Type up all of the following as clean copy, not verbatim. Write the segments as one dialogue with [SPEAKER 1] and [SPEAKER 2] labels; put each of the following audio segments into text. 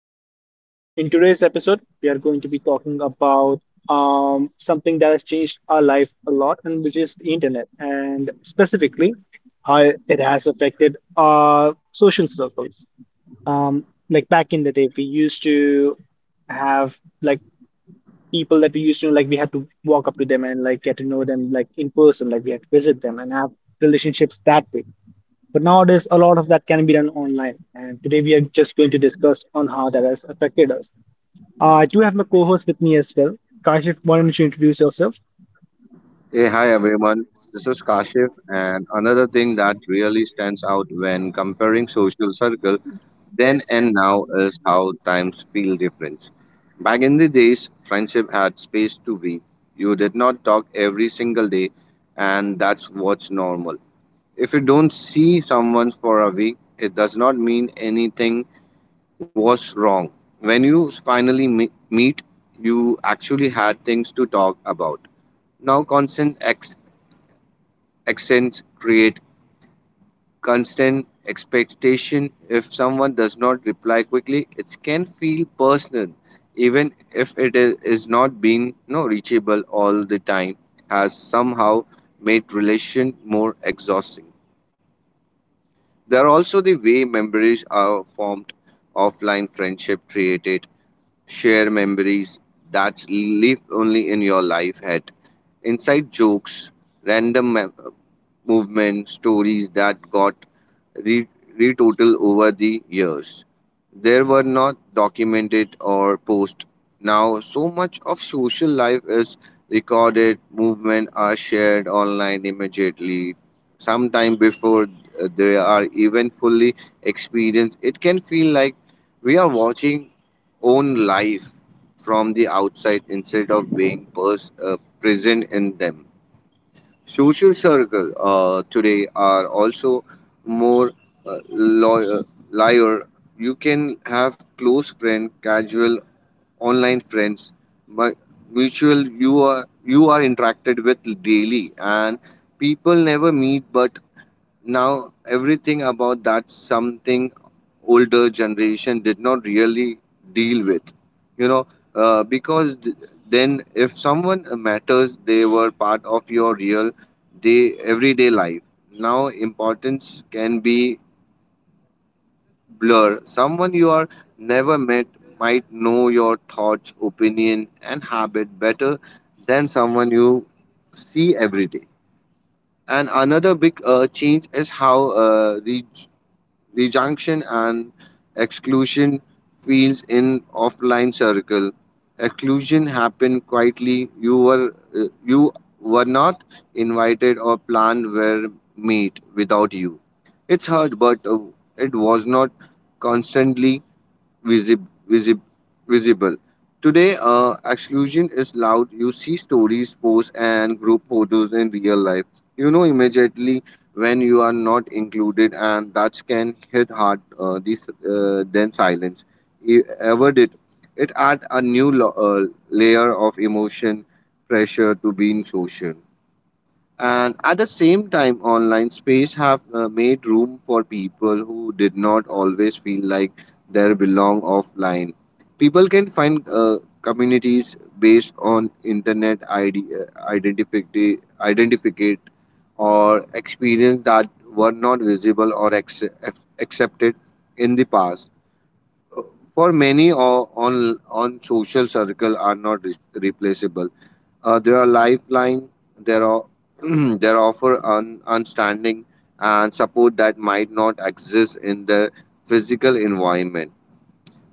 [SPEAKER 1] our podcast. In today's episode, we are going to be talking about something that has changed our life a lot, and which is the internet, and specifically how it has affected our social circles. Like back in the day, we used to have like people that we used to know, like we had to walk up to them and like get to know them like in person, like we had to visit them and have relationships that way, but nowadays, a lot of that can be done online. And today we are just going to discuss on how that has affected us. I do have my co-host with me as well. Kashif, why don't you introduce yourself?
[SPEAKER 2] Hey, hi everyone. This is Kashif, and another thing that really stands out when comparing social circle then and now is how times feel different. Back in the days, friendship had space to breathe. You did not talk every single day, and that's what's normal. If you don't see someone for a week, it does not mean anything was wrong. When you finally meet, you actually had things to talk about. Now, constant accents create constant expectation. If someone does not reply quickly, it can feel personal, even if it is not being no reachable all the time, has somehow made relation more exhausting. They are also the way memories are formed. Offline friendship created share memories that live only in your life head. Inside jokes, random movement stories that got re- retotal over the years. There were not documented or posted. Now, so much of social life is recorded, movement are shared online immediately sometime before they are even fully experienced. It can feel like we are watching own life from the outside instead of being present in them. Social circle today are also more uh, lo- liar. You can have close friend, casual online friends, but mutual you are interacted with daily, and people never meet. But now everything about that something older generation did not really deal with, you know because then if someone matters, they were part of your real day everyday life. Now importance can be blur. Someone you are never met might know your thoughts, opinion and habit better than someone you see every day. And another big change is how rejection and exclusion feels in offline circle. Exclusion happened quietly. You were not invited, or planned were made without you. It's hard, but it was not constantly visib- visib- visible. Today, exclusion is loud. You see stories, posts, and group photos in real life. You know immediately when you are not included, and that can hit hard. This then silence. You ever did it add a new layer of emotion pressure to being social? And at the same time, online space have made room for people who did not always feel like they belong offline. People can find communities based on internet ID, identity, identificate or experience that were not visible or accepted in the past. For many on social circle are not replaceable. There are lifeline. There are there offer understanding and support that might not exist in the physical environment.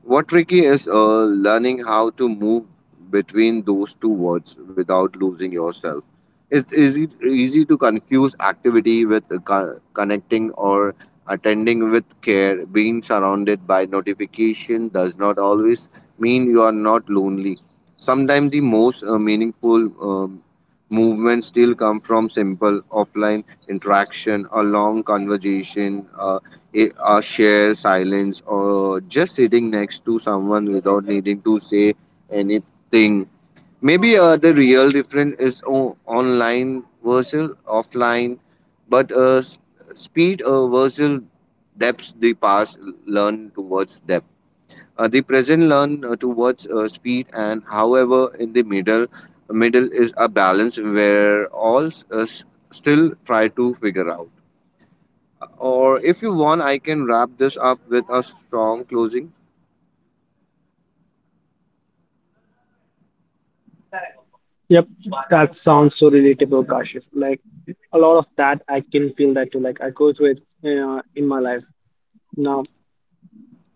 [SPEAKER 2] What tricky is learning how to move between those two words without losing yourself. It's easy to confuse activity with connecting, or attending with care. Being surrounded by notification does not always mean you are not lonely. Sometimes the most meaningful movements still come from simple offline interaction, a long conversation, a shared silence, or just sitting next to someone without needing to say anything. Maybe the real difference is online versus offline, but speed versus depth. The past learn towards depth. The present learn towards speed, and however, in the middle, middle is a balance where all still try to figure out. Or if you want, I can wrap this up with a strong closing.
[SPEAKER 1] Yep, that sounds so relatable, Kashif. Like a lot of that, I can feel that too. Like I go through it in my life. Now,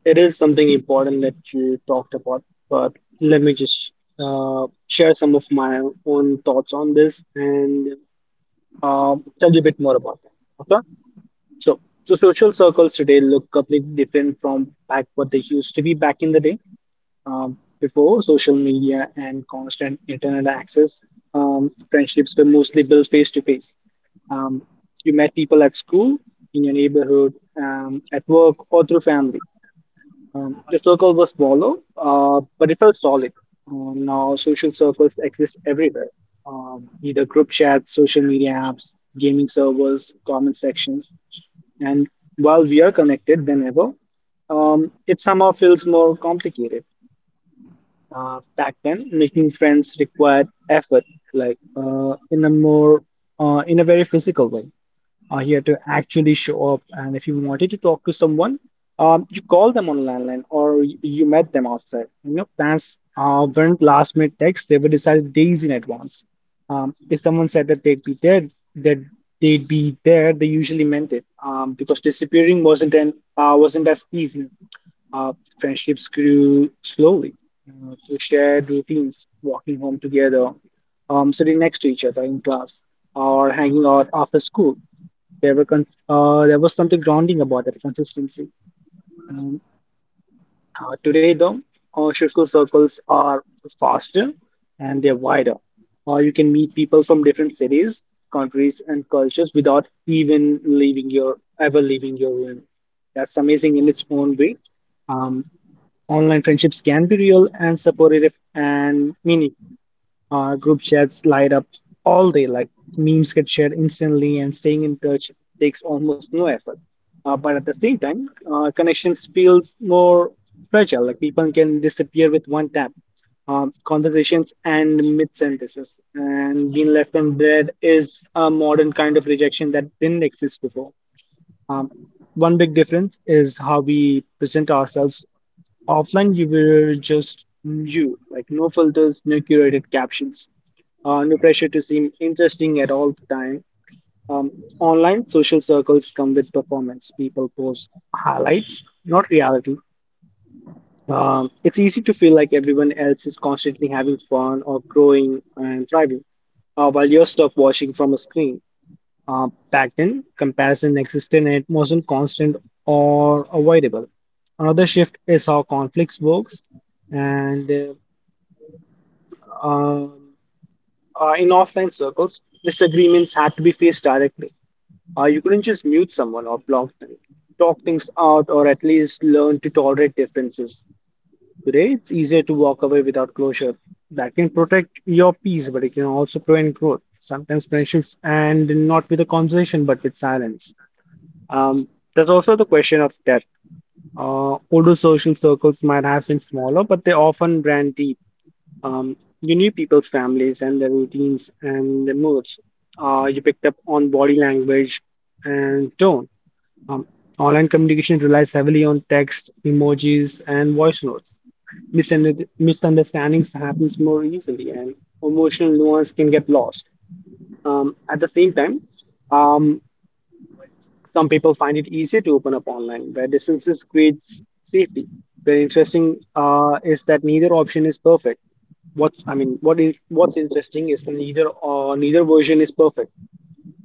[SPEAKER 1] it is something important that you talked about, but let me just share some of my own thoughts on this and uh, tell you a bit more about that. So, social circles today look completely different from back what they used to be back in the day, before social media and constant internet access. Friendships were mostly built face to face. Um, You met people at school, in your neighborhood, at work, or through family. Your circle was smaller, but it felt solid. Now social circles exist everywhere. Either group chats, social media apps, gaming servers, comment sections. And while we are connected than ever, it somehow feels more complicated. Back then, making friends required effort, like in a very physical way, here to actually show up. And if you wanted to talk to someone, you call them on landline or you met them outside. You know, plans weren't last minute texts, they were decided days in advance. If someone said that they'd be there, that they'd be there, they usually meant it because disappearing wasn't as easy. Uh, Friendships grew slowly through shared routines, walking home together, sitting next to each other in class, or hanging out after school. There was something grounding about that consistency. Mm, Today, though, Shusku circles are faster and they're wider. You can meet people from different cities, countries, and cultures without even leaving your ever leaving your room. That's amazing in its own way. Um, Online friendships can be real and supportive and meaningful. Group chats light up all day, like memes get shared instantly, and staying in touch takes almost no effort. But at the same time, connections feels more fragile, like people can disappear with one tap. Conversations and mid-sentences, and being left on read is a modern kind of rejection that didn't exist before. Um, One big difference is how we present ourselves. Offline you were just you, like no filters, no curated captions, no pressure to seem interesting at all the time. Online social circles come with performance. People post highlights, not reality. It's easy to feel like everyone else is constantly having fun or growing and thriving, while you're stuck watching from a screen. Back then, comparison existed and it wasn't constant or avoidable. Another shift is how conflicts works, and um, in offline circles, disagreements had to be faced directly. You couldn't just mute someone or block them, talk things out, or at least learn to tolerate differences. Today, it's easier to walk away without closure. That can protect your peace, but it can also prevent growth. Sometimes friendships end not with a conversation, but with silence. Um, there's also the question of depth. Older social circles might have been smaller, but they often ran deep. You knew people's families and their routines and their moods. You picked up on body language and tone. Um, Online communication relies heavily on text, emojis, and voice notes. Misunderstandings happens more easily, and emotional nuance can get lost. At the same time, um, some people find it easier to open up online, where distances creates safety. Very interesting is that neither option is perfect. What's I mean, what is What's interesting is neither or neither version is perfect.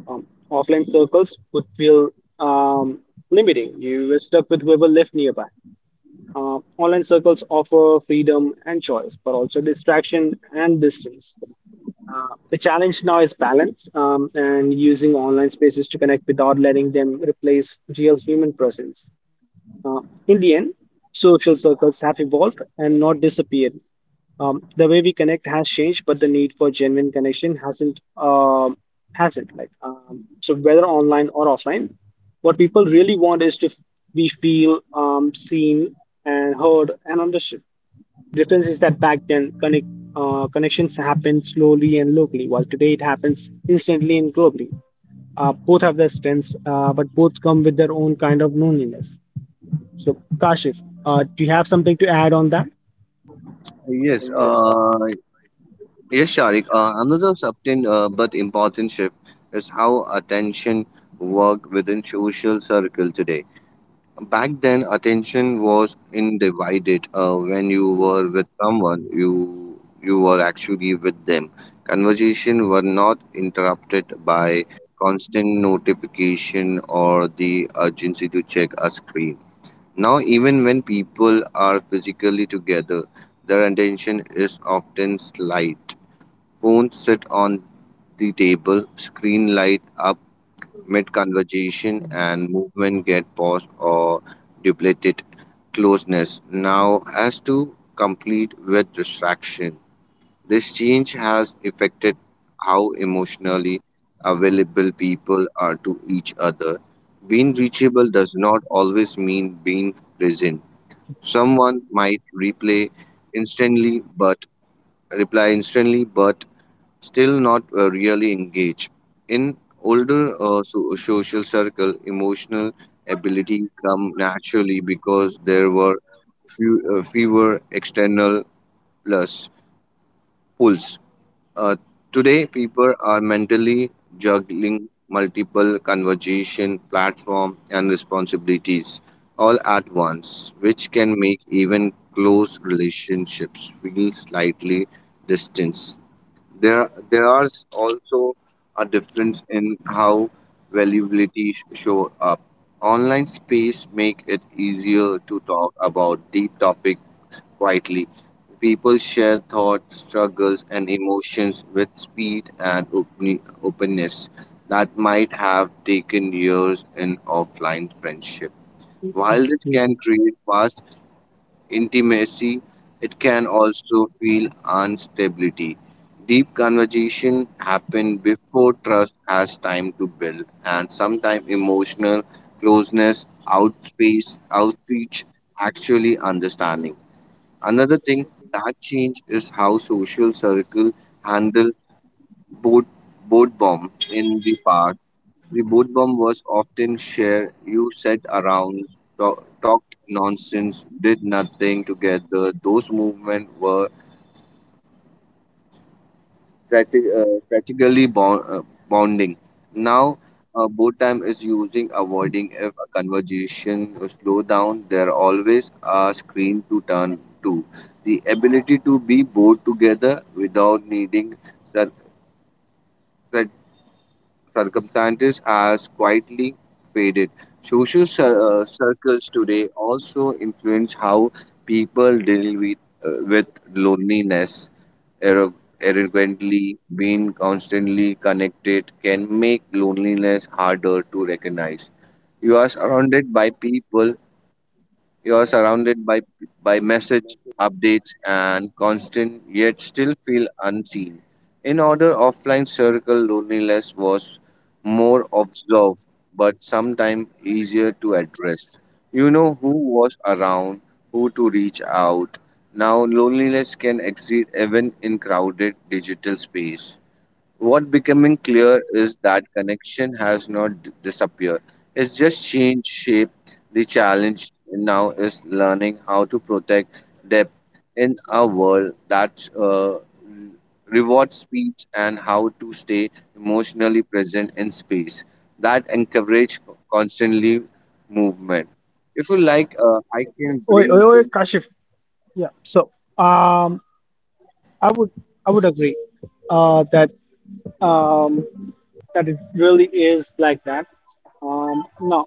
[SPEAKER 1] Offline circles would feel um, limiting. You were stuck with whoever lived nearby. Online circles offer freedom and choice, but also distraction and distance. The challenge now is balance and using online spaces to connect without letting them replace real human presence. Uh, in the end, social circles have evolved and not disappeared. The way we connect has changed, but the need for genuine connection hasn't. So whether online or offline, what people really want is to f- be feel seen and heard and understood. Difference is that back then connections happened slowly and locally, while today it happens instantly and globally. Both have their strengths, but both come with their own kind of loneliness. So, Kashif, do you have something to add on that?
[SPEAKER 2] Yes. Yes, Sharik. Another subtle but important shift is how attention worked within social circle today. Back then, attention was undivided. When you were with someone, you were actually with them. Conversation were not interrupted by constant notification or the urgency to check a screen. Now, even when people are physically together, their attention is often slight. Phones sit on the table, screen light up mid conversation, and movement get paused or depleted. Closeness now has to complete with distraction. This change has affected how emotionally available people are to each other. Being reachable does not always mean being present. Someone might replay instantly but reply instantly but still not really engaged. In older social circle, emotional ability come naturally because there were fewer external plus pulls. Uh, today, people are mentally juggling multiple conversation, platform, and responsibilities all at once, which can make even close relationships feel slightly distant. There are also a difference in how valuability show up. Online space make it easier to talk about deep topic quietly. People share thoughts, struggles, and emotions with speed and openness that might have taken years in offline friendship. While this can
[SPEAKER 1] Mhm.
[SPEAKER 2] create fast intimacy, it can also feel instability. Deep conversation happen before trust has time to build, and sometimes emotional closeness outspace outspeech actually understanding. Another thing that change is how social circle handle both both bomb in the past. The boat bomb was often shared. You sat around, talked nonsense, did nothing together. Those movements were strate- strategically bonding. Now, boat time is using avoiding. If a conversation slow down, there always a screen to turn to. The ability to be both together without needing sur- circumstances has quietly faded. Circles today also influence how people deal with loneliness. Arro- Arrogantly, being constantly connected can make loneliness harder to recognize. You are surrounded by people you are surrounded by message updates and constant, yet still feel unseen. In order, offline circle loneliness was more observed, but sometimes easier to address. You know who was around, who to reach out. Now, loneliness can exist even in crowded digital space. What becoming clear is that connection has not disappeared, it's just changed shape. The challenge now is learning how to protect depth in a world that rewards speed, and how to stay emotionally present in space that encourage constantly movement. If you like, I can
[SPEAKER 1] Oi, oi,
[SPEAKER 2] bring.
[SPEAKER 1] oi, Kashif. Yeah. So, I would, I would agree, that, um, that it really is like that. Now,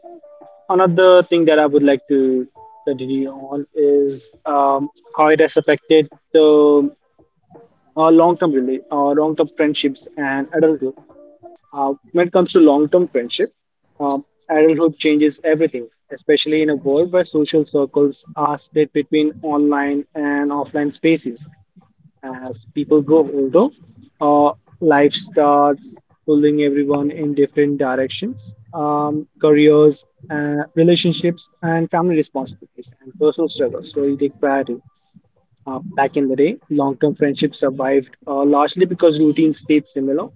[SPEAKER 1] another thing that I would like to continue on is how it has affected the long-term friendships and adulthood. When it comes to long term friendship, um, adulthood changes everything, especially in a world where social circles are split between online and offline spaces. As people grow older, uh, life starts pulling everyone in different directions. Careers, relationships, and family responsibilities and personal struggles slowly take priority. Back in the day, long-term friendships survived largely because routines stayed similar,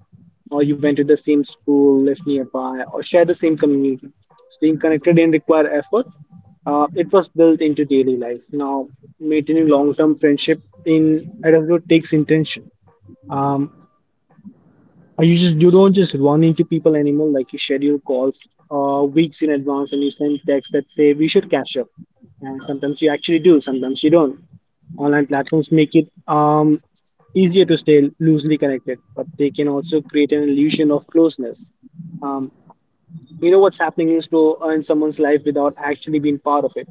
[SPEAKER 1] or you went to the same school, lived nearby, or shared the same community. Staying connected didn't require effort. It was built into daily life. Now, maintaining long-term friendship in adulthood takes intention. Um, You just you don't just run into people anymore. Like you schedule calls weeks in advance and you send texts that say we should catch up. And sometimes you actually do, sometimes you don't. Online platforms make it easier to stay loosely connected, but they can also create an illusion of closeness. Um, you know what's happening in someone's life without actually being part of it.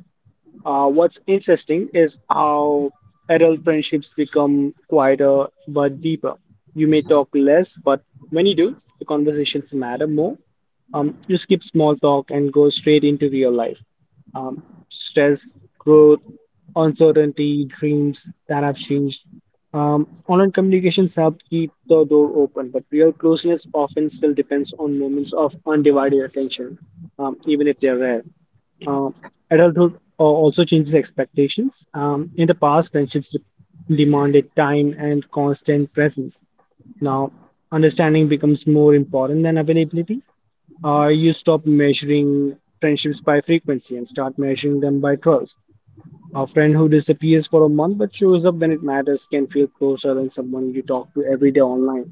[SPEAKER 1] What's interesting is how adult friendships become quieter but deeper. You may talk less, but when you do, the conversations matter more. You skip small talk and go straight into real life. Um, Stress, growth, uncertainty, dreams that have changed. Online communications help keep the door open, but real closeness often still depends on moments of undivided attention, even if they're rare. Uh, also changes expectations. In the past, friendships demanded time and constant presence. Now, understanding becomes more important than availability. You stop measuring friendships by frequency and start measuring them by trust. A friend who disappears for a month but shows up when it matters can feel closer than someone you talk to every day online.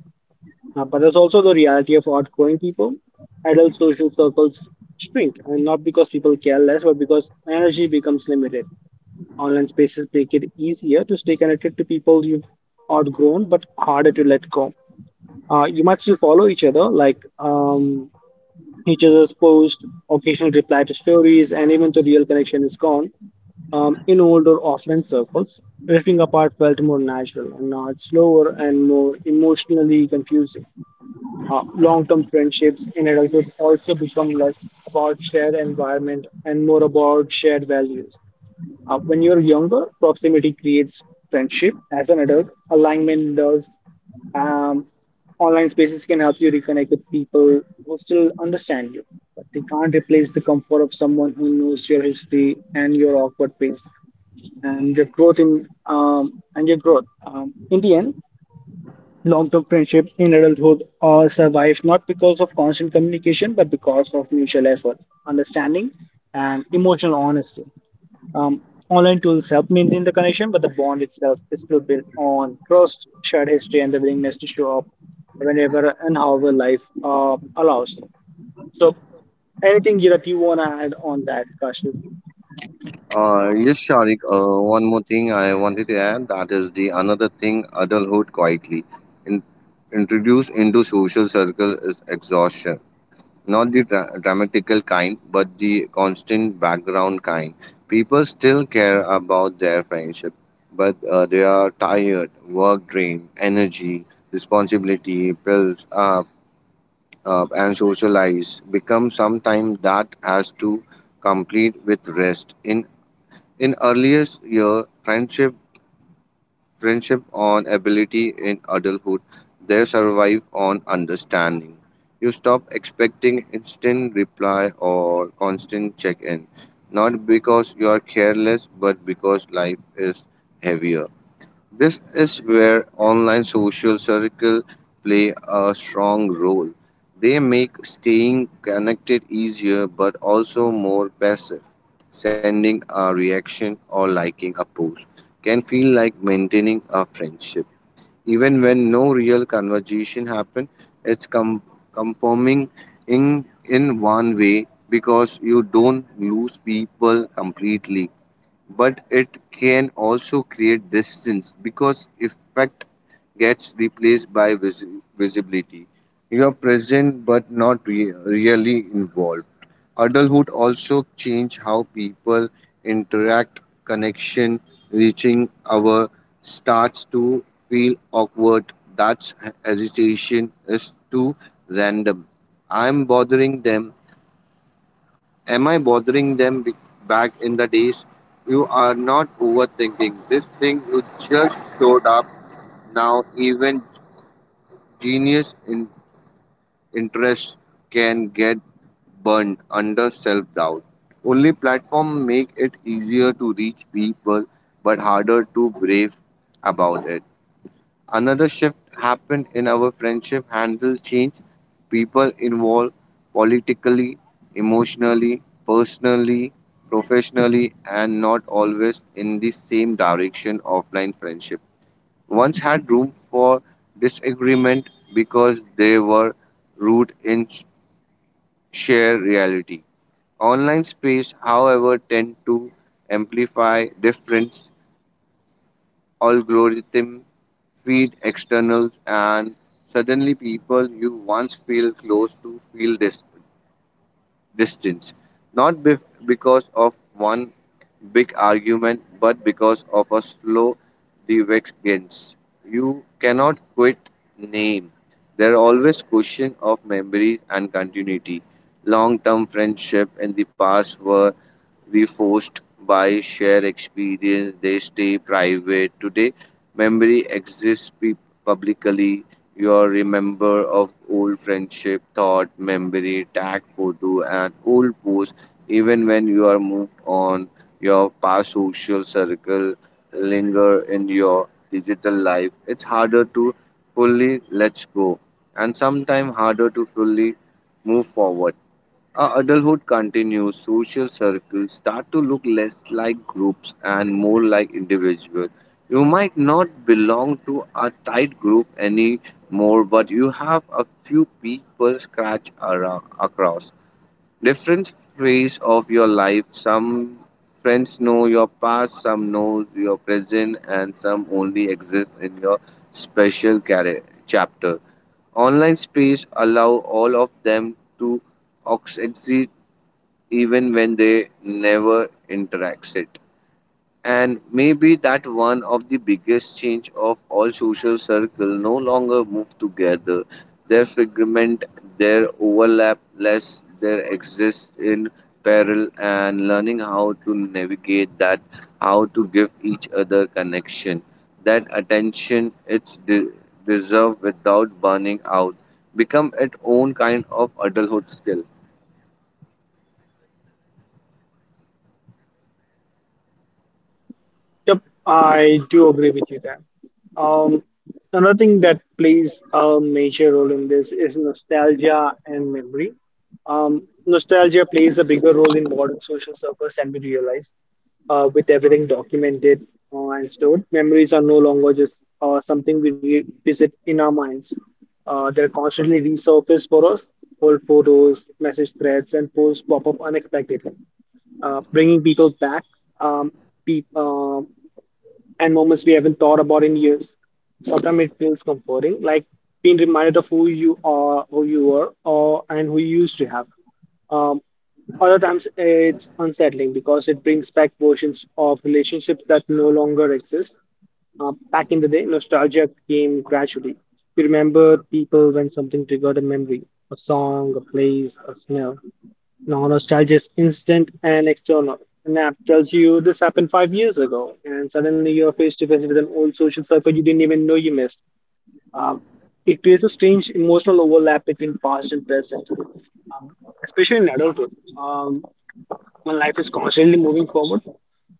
[SPEAKER 1] But there's also the reality of outgrowing people. Adult social circles shrink, and not because people care less, but because energy becomes limited. Online spaces make it easier to stay connected to people you've outgrown, but harder to let go. You might still follow each other, each other's post, occasional reply to stories, and even the real connection is gone. In older offline circles, drifting apart felt more natural, and now it's slower and more emotionally confusing. Long-term friendships in adulthood also become less about shared environment and more about shared values. When you're younger, proximity creates friendship. As an adult, alignment does. Um, Online spaces can help you reconnect with people who still understand you, but they can't replace the comfort of someone who knows your history and your awkward pace and your growth. In the end, long-term friendships in adulthood survive not because of constant communication, but because of mutual effort, understanding, and emotional honesty. Um, Online tools help maintain the connection, but the bond itself is still built on trust, shared history, and the willingness to show up whenever and however life allows. So, anything that you want to add on that, Kashif?
[SPEAKER 2] Yes, Sharik. One more thing I wanted to add that is the another thing adulthood quietly in, introduced into social circle is exhaustion, not the dramatical kind, but the constant background kind. People still care about their friendship, but they are tired. Work drained, energy, responsibility builds up and socialize become sometimes that has to complete with rest. In earliest year, friendship on ability in adulthood, they survive on understanding. You stop expecting instant reply or constant check-in, not because you are careless, but because life is heavier. This is where online social circle play a strong role. They make staying connected easier but also more passive. Sending a reaction or liking a post can feel like maintaining a friendship. Even when no real conversation happened, it's conforming in one way, because you don't lose people completely, but it can also create distance because effect gets replaced by visibility. You are present but not really involved. Adulthood also change how people interact. Connection reaching our starts to feel awkward. That's hesitation is too random. I'm bothering them Am I bothering them, back in the days? You are not overthinking this thing, you just showed up. Now, even genius in interest can get burned under self doubt. Only platform make it easier to reach people but harder to brave about it. Another shift happened in our friendship handle change. People involved politically, emotionally, personally, professionally, and not always in the same direction. Offline friendship once had room for disagreement because they were rooted in shared reality. Online space, however, tend to amplify difference. Algorithm feed externals, and suddenly people you once feel close to feel distance, not because of one big argument, but because of a slow divergence you cannot quit name. There are always question of memories and continuity. Long term friendship in the past were reinforced by shared experience. They stay private. Today, memory exists publicly. Your remember of old friendship, thought, memory, tag photo, and old post. Even when you are moved on, your past social circle linger in your digital life. It's harder to fully let go, and sometimes harder to fully move forward. As adulthood continues, social circles start to look less like groups and more like individuals. You might not belong to a tight group anymore, but you have a few people scratch around, across different phase of your life. Some friends know your past, some know your present, and some only exist in your special chapter. Online space allow all of them to exit even when they never interacted. And maybe that one of the biggest change of all. Social circle no longer move together, their fragment, their overlap less, their exist in peril. And learning how to navigate that, how to give each other connection, that attention it's deserved without burning out, become its own kind of adulthood skill.
[SPEAKER 1] Yep, I do agree with you there. Um, Another thing that plays a major role in this is nostalgia and memory. Nostalgia plays a bigger role in modern social circles than we realize. With everything documented and stored, memories are no longer just something we revisit in our minds. They're constantly resurfaced for us. Old photos, message threads, and posts pop up unexpectedly, bringing people back um, people and moments we haven't thought about in years. Sometimes it feels comforting, like being reminded of who you are, who you were, or and who you used to have. Um, Other times it's unsettling because it brings back versions of relationships that no longer exist. Back in the day, nostalgia came gradually. You remember people when something triggered a memory, a song, a place, a smell. No nostalgia is instant and external. An app tells you this happened 5 years ago, and suddenly you're face to face with an old social circle you didn't even know you missed. Um, it creates a strange emotional overlap between past and present, um, especially in adulthood. Um, when life is constantly moving forward,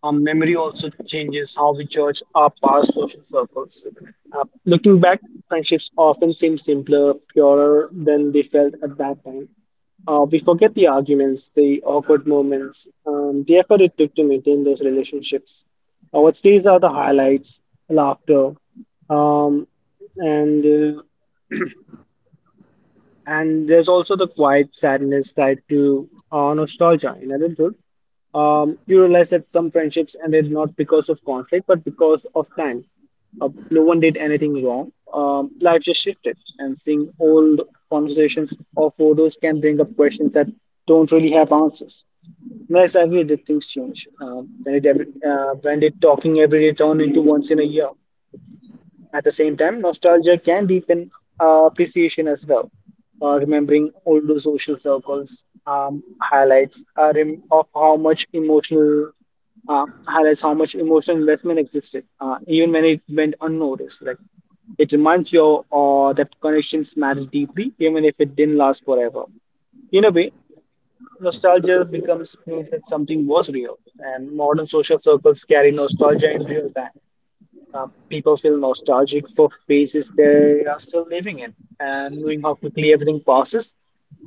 [SPEAKER 1] our memory also changes how we judge our past social circles. Looking back, friendships often seem simpler, purer than they felt at that time. We forget the arguments, the awkward moments, the effort it took to maintain those relationships. What stays are the highlights, laughter, um, and uh, and there's also the quiet sadness tied to nostalgia in adulthood. You realize that some friendships ended not because of conflict, but because of time. No one did anything wrong. Life just shifted, and seeing old conversations or photos can bring up questions that don't really have answers. Not exactly did things change? When did when did talking every day turn into once in a year? At the same time, nostalgia can deepen appreciation as well. Remembering older social circles highlights rem- of how much emotional highlights how much emotional investment existed, even when it went unnoticed. Like it reminds you that connections matter deeply, even if it didn't last forever. In a way, nostalgia becomes proof that something was real, and modern social circles carry nostalgia in real time. People feel nostalgic for phases they are still living in and knowing how quickly everything passes.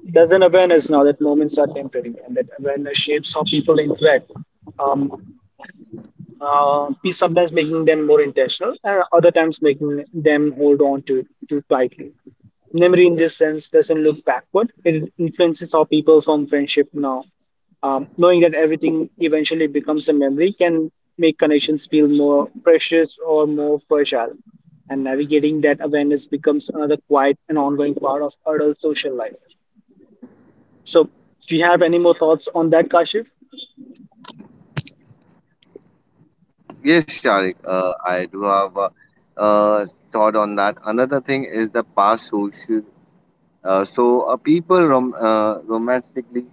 [SPEAKER 1] There's an awareness now that moments are temporary and that awareness shapes how people interact. Um, uh, Sometimes making them more intentional and other times making them hold on to it too tightly. Memory in this sense doesn't look backward. It influences how people form friendship now. Knowing that everything eventually becomes a memory can make connections feel more precious or more fragile. And navigating that awareness becomes another quiet and ongoing part of adult social life. So, do you have any more thoughts on that, Kashif?
[SPEAKER 2] Yes, Sharik, I do have a uh, thought on that. Another thing is the past social people romantically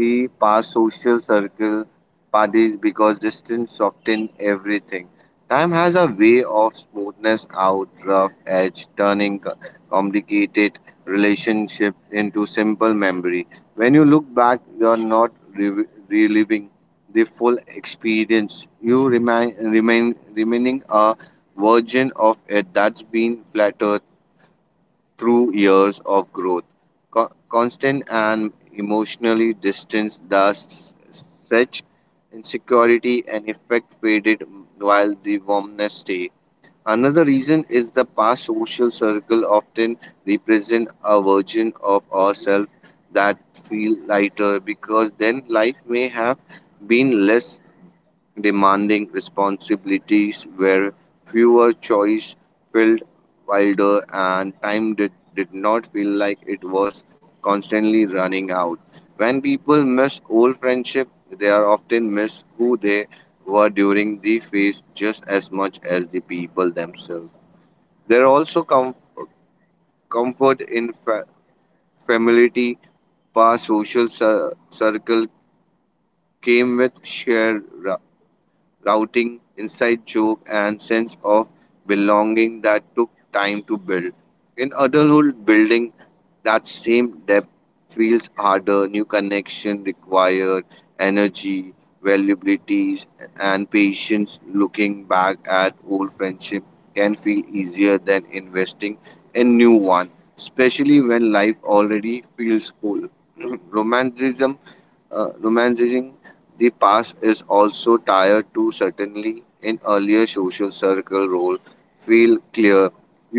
[SPEAKER 2] pass social circle parties because distance softens everything. Time has a way of smoothness out rough edge, turning complicated relationship into simple memory. When you look back, you're not reliving the full experience. You remaining a version of it that's been flattered through years of growth. Constant and emotionally distance, thus such insecurity and effect faded while the warmness stayed. Another reason is the past social circle often represent a version of ourselves that feel lighter because then life may have been less demanding. Responsibilities where fewer choice felt wilder and time did not feel like it was constantly running out. When people miss old friendship, they are often miss who they were during the phase just as much as the people themselves. There are also comfort in familiarity. Past social circle came with shared routing, inside joke, and sense of belonging that took time to build. In adulthood, building that same depth feels harder. New connection required energy, valuabilities, and patience. Looking back at old friendship can feel easier than investing in new one, especially when life already feels full. Romanticism Romanticizing the past is also tied to certainly in earlier social circle role feel clear.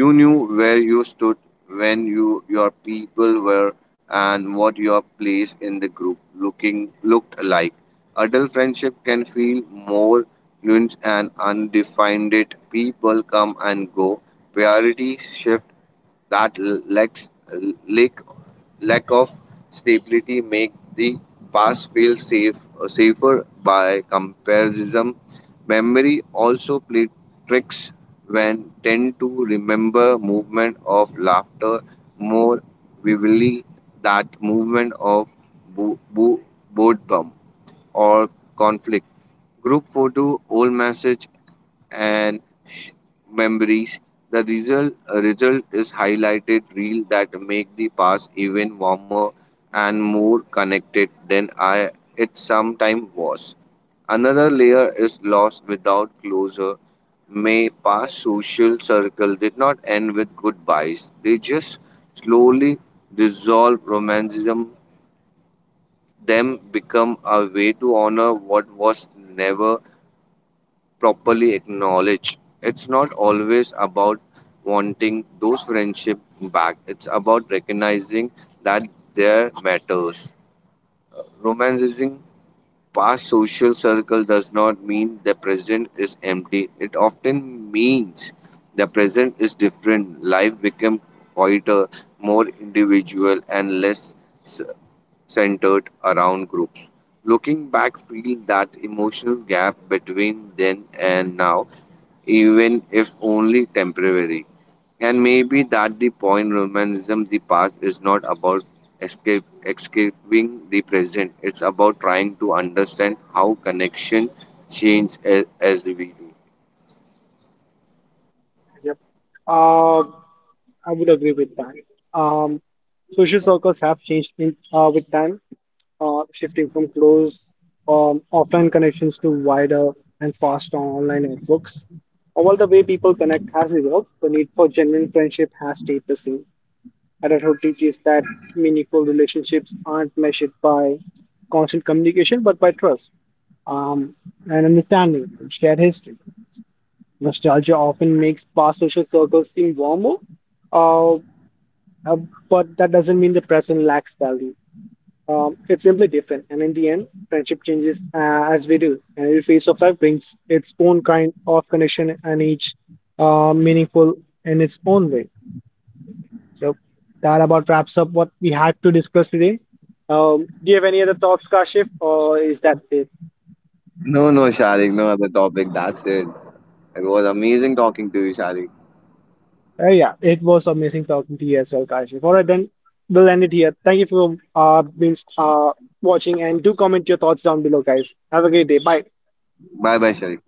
[SPEAKER 2] You knew where you stood, when you your people were, and what your place in the group looking looked like. Adult friendship can feel more nuanced and undefined. It people come and go, priorities shift. That lack, lack of stability make the past feel safer by comparison. Memory also play tricks. When tend to remember movement of laughter more vividly that movement of bo- bo- boredom or conflict. Group photo, old message, and sh- memories. The result is highlighted reel that make the past even warmer and more connected than I it sometime was. Another layer is lost without closure. May past social circle did not end with goodbyes. They just slowly dissolve. Romanticism, them become a way to honor what was never properly acknowledge. It's not always about wanting those friendship back. It's about recognizing that there matters. Romanticizing past social circle does not mean the present is empty. It often means the present is different. Life becomes quieter, more individual, and less s- centered around groups. Looking back, feel that emotional gap between then and now, even if only temporary. And maybe that the point. Romanticism the past is not about escape escaping the present. It's about trying to understand how connection as we do.
[SPEAKER 1] Yep. Uh, I would agree with that. Um, Social circles have changed with time, shifting from close offline connections to wider and faster online networks. While the way people connect has evolved, the need for genuine friendship has stayed the same. Adulthood teaches that meaningful relationships aren't measured by constant communication, but by trust um, and understanding and shared history. Nostalgia often makes past social circles seem warmer, uh, uh, but that doesn't mean the present lacks value. It's simply different. And in the end, friendship changes as we do. And every phase of life brings its own kind of connection and each meaningful in its own way. So that about wraps up what we had to discuss today. Do you have any other thoughts, Kashif, or is that it?
[SPEAKER 2] No, no, Sharik, no other topic. That's it. It was amazing talking to you, Sharik.
[SPEAKER 1] Yeah, it was amazing talking to you as well, Kashif. All right, then we'll end it here. Thank you for being watching and do comment your thoughts down below, guys. Have a great day. Bye.
[SPEAKER 2] Bye bye, Sharik.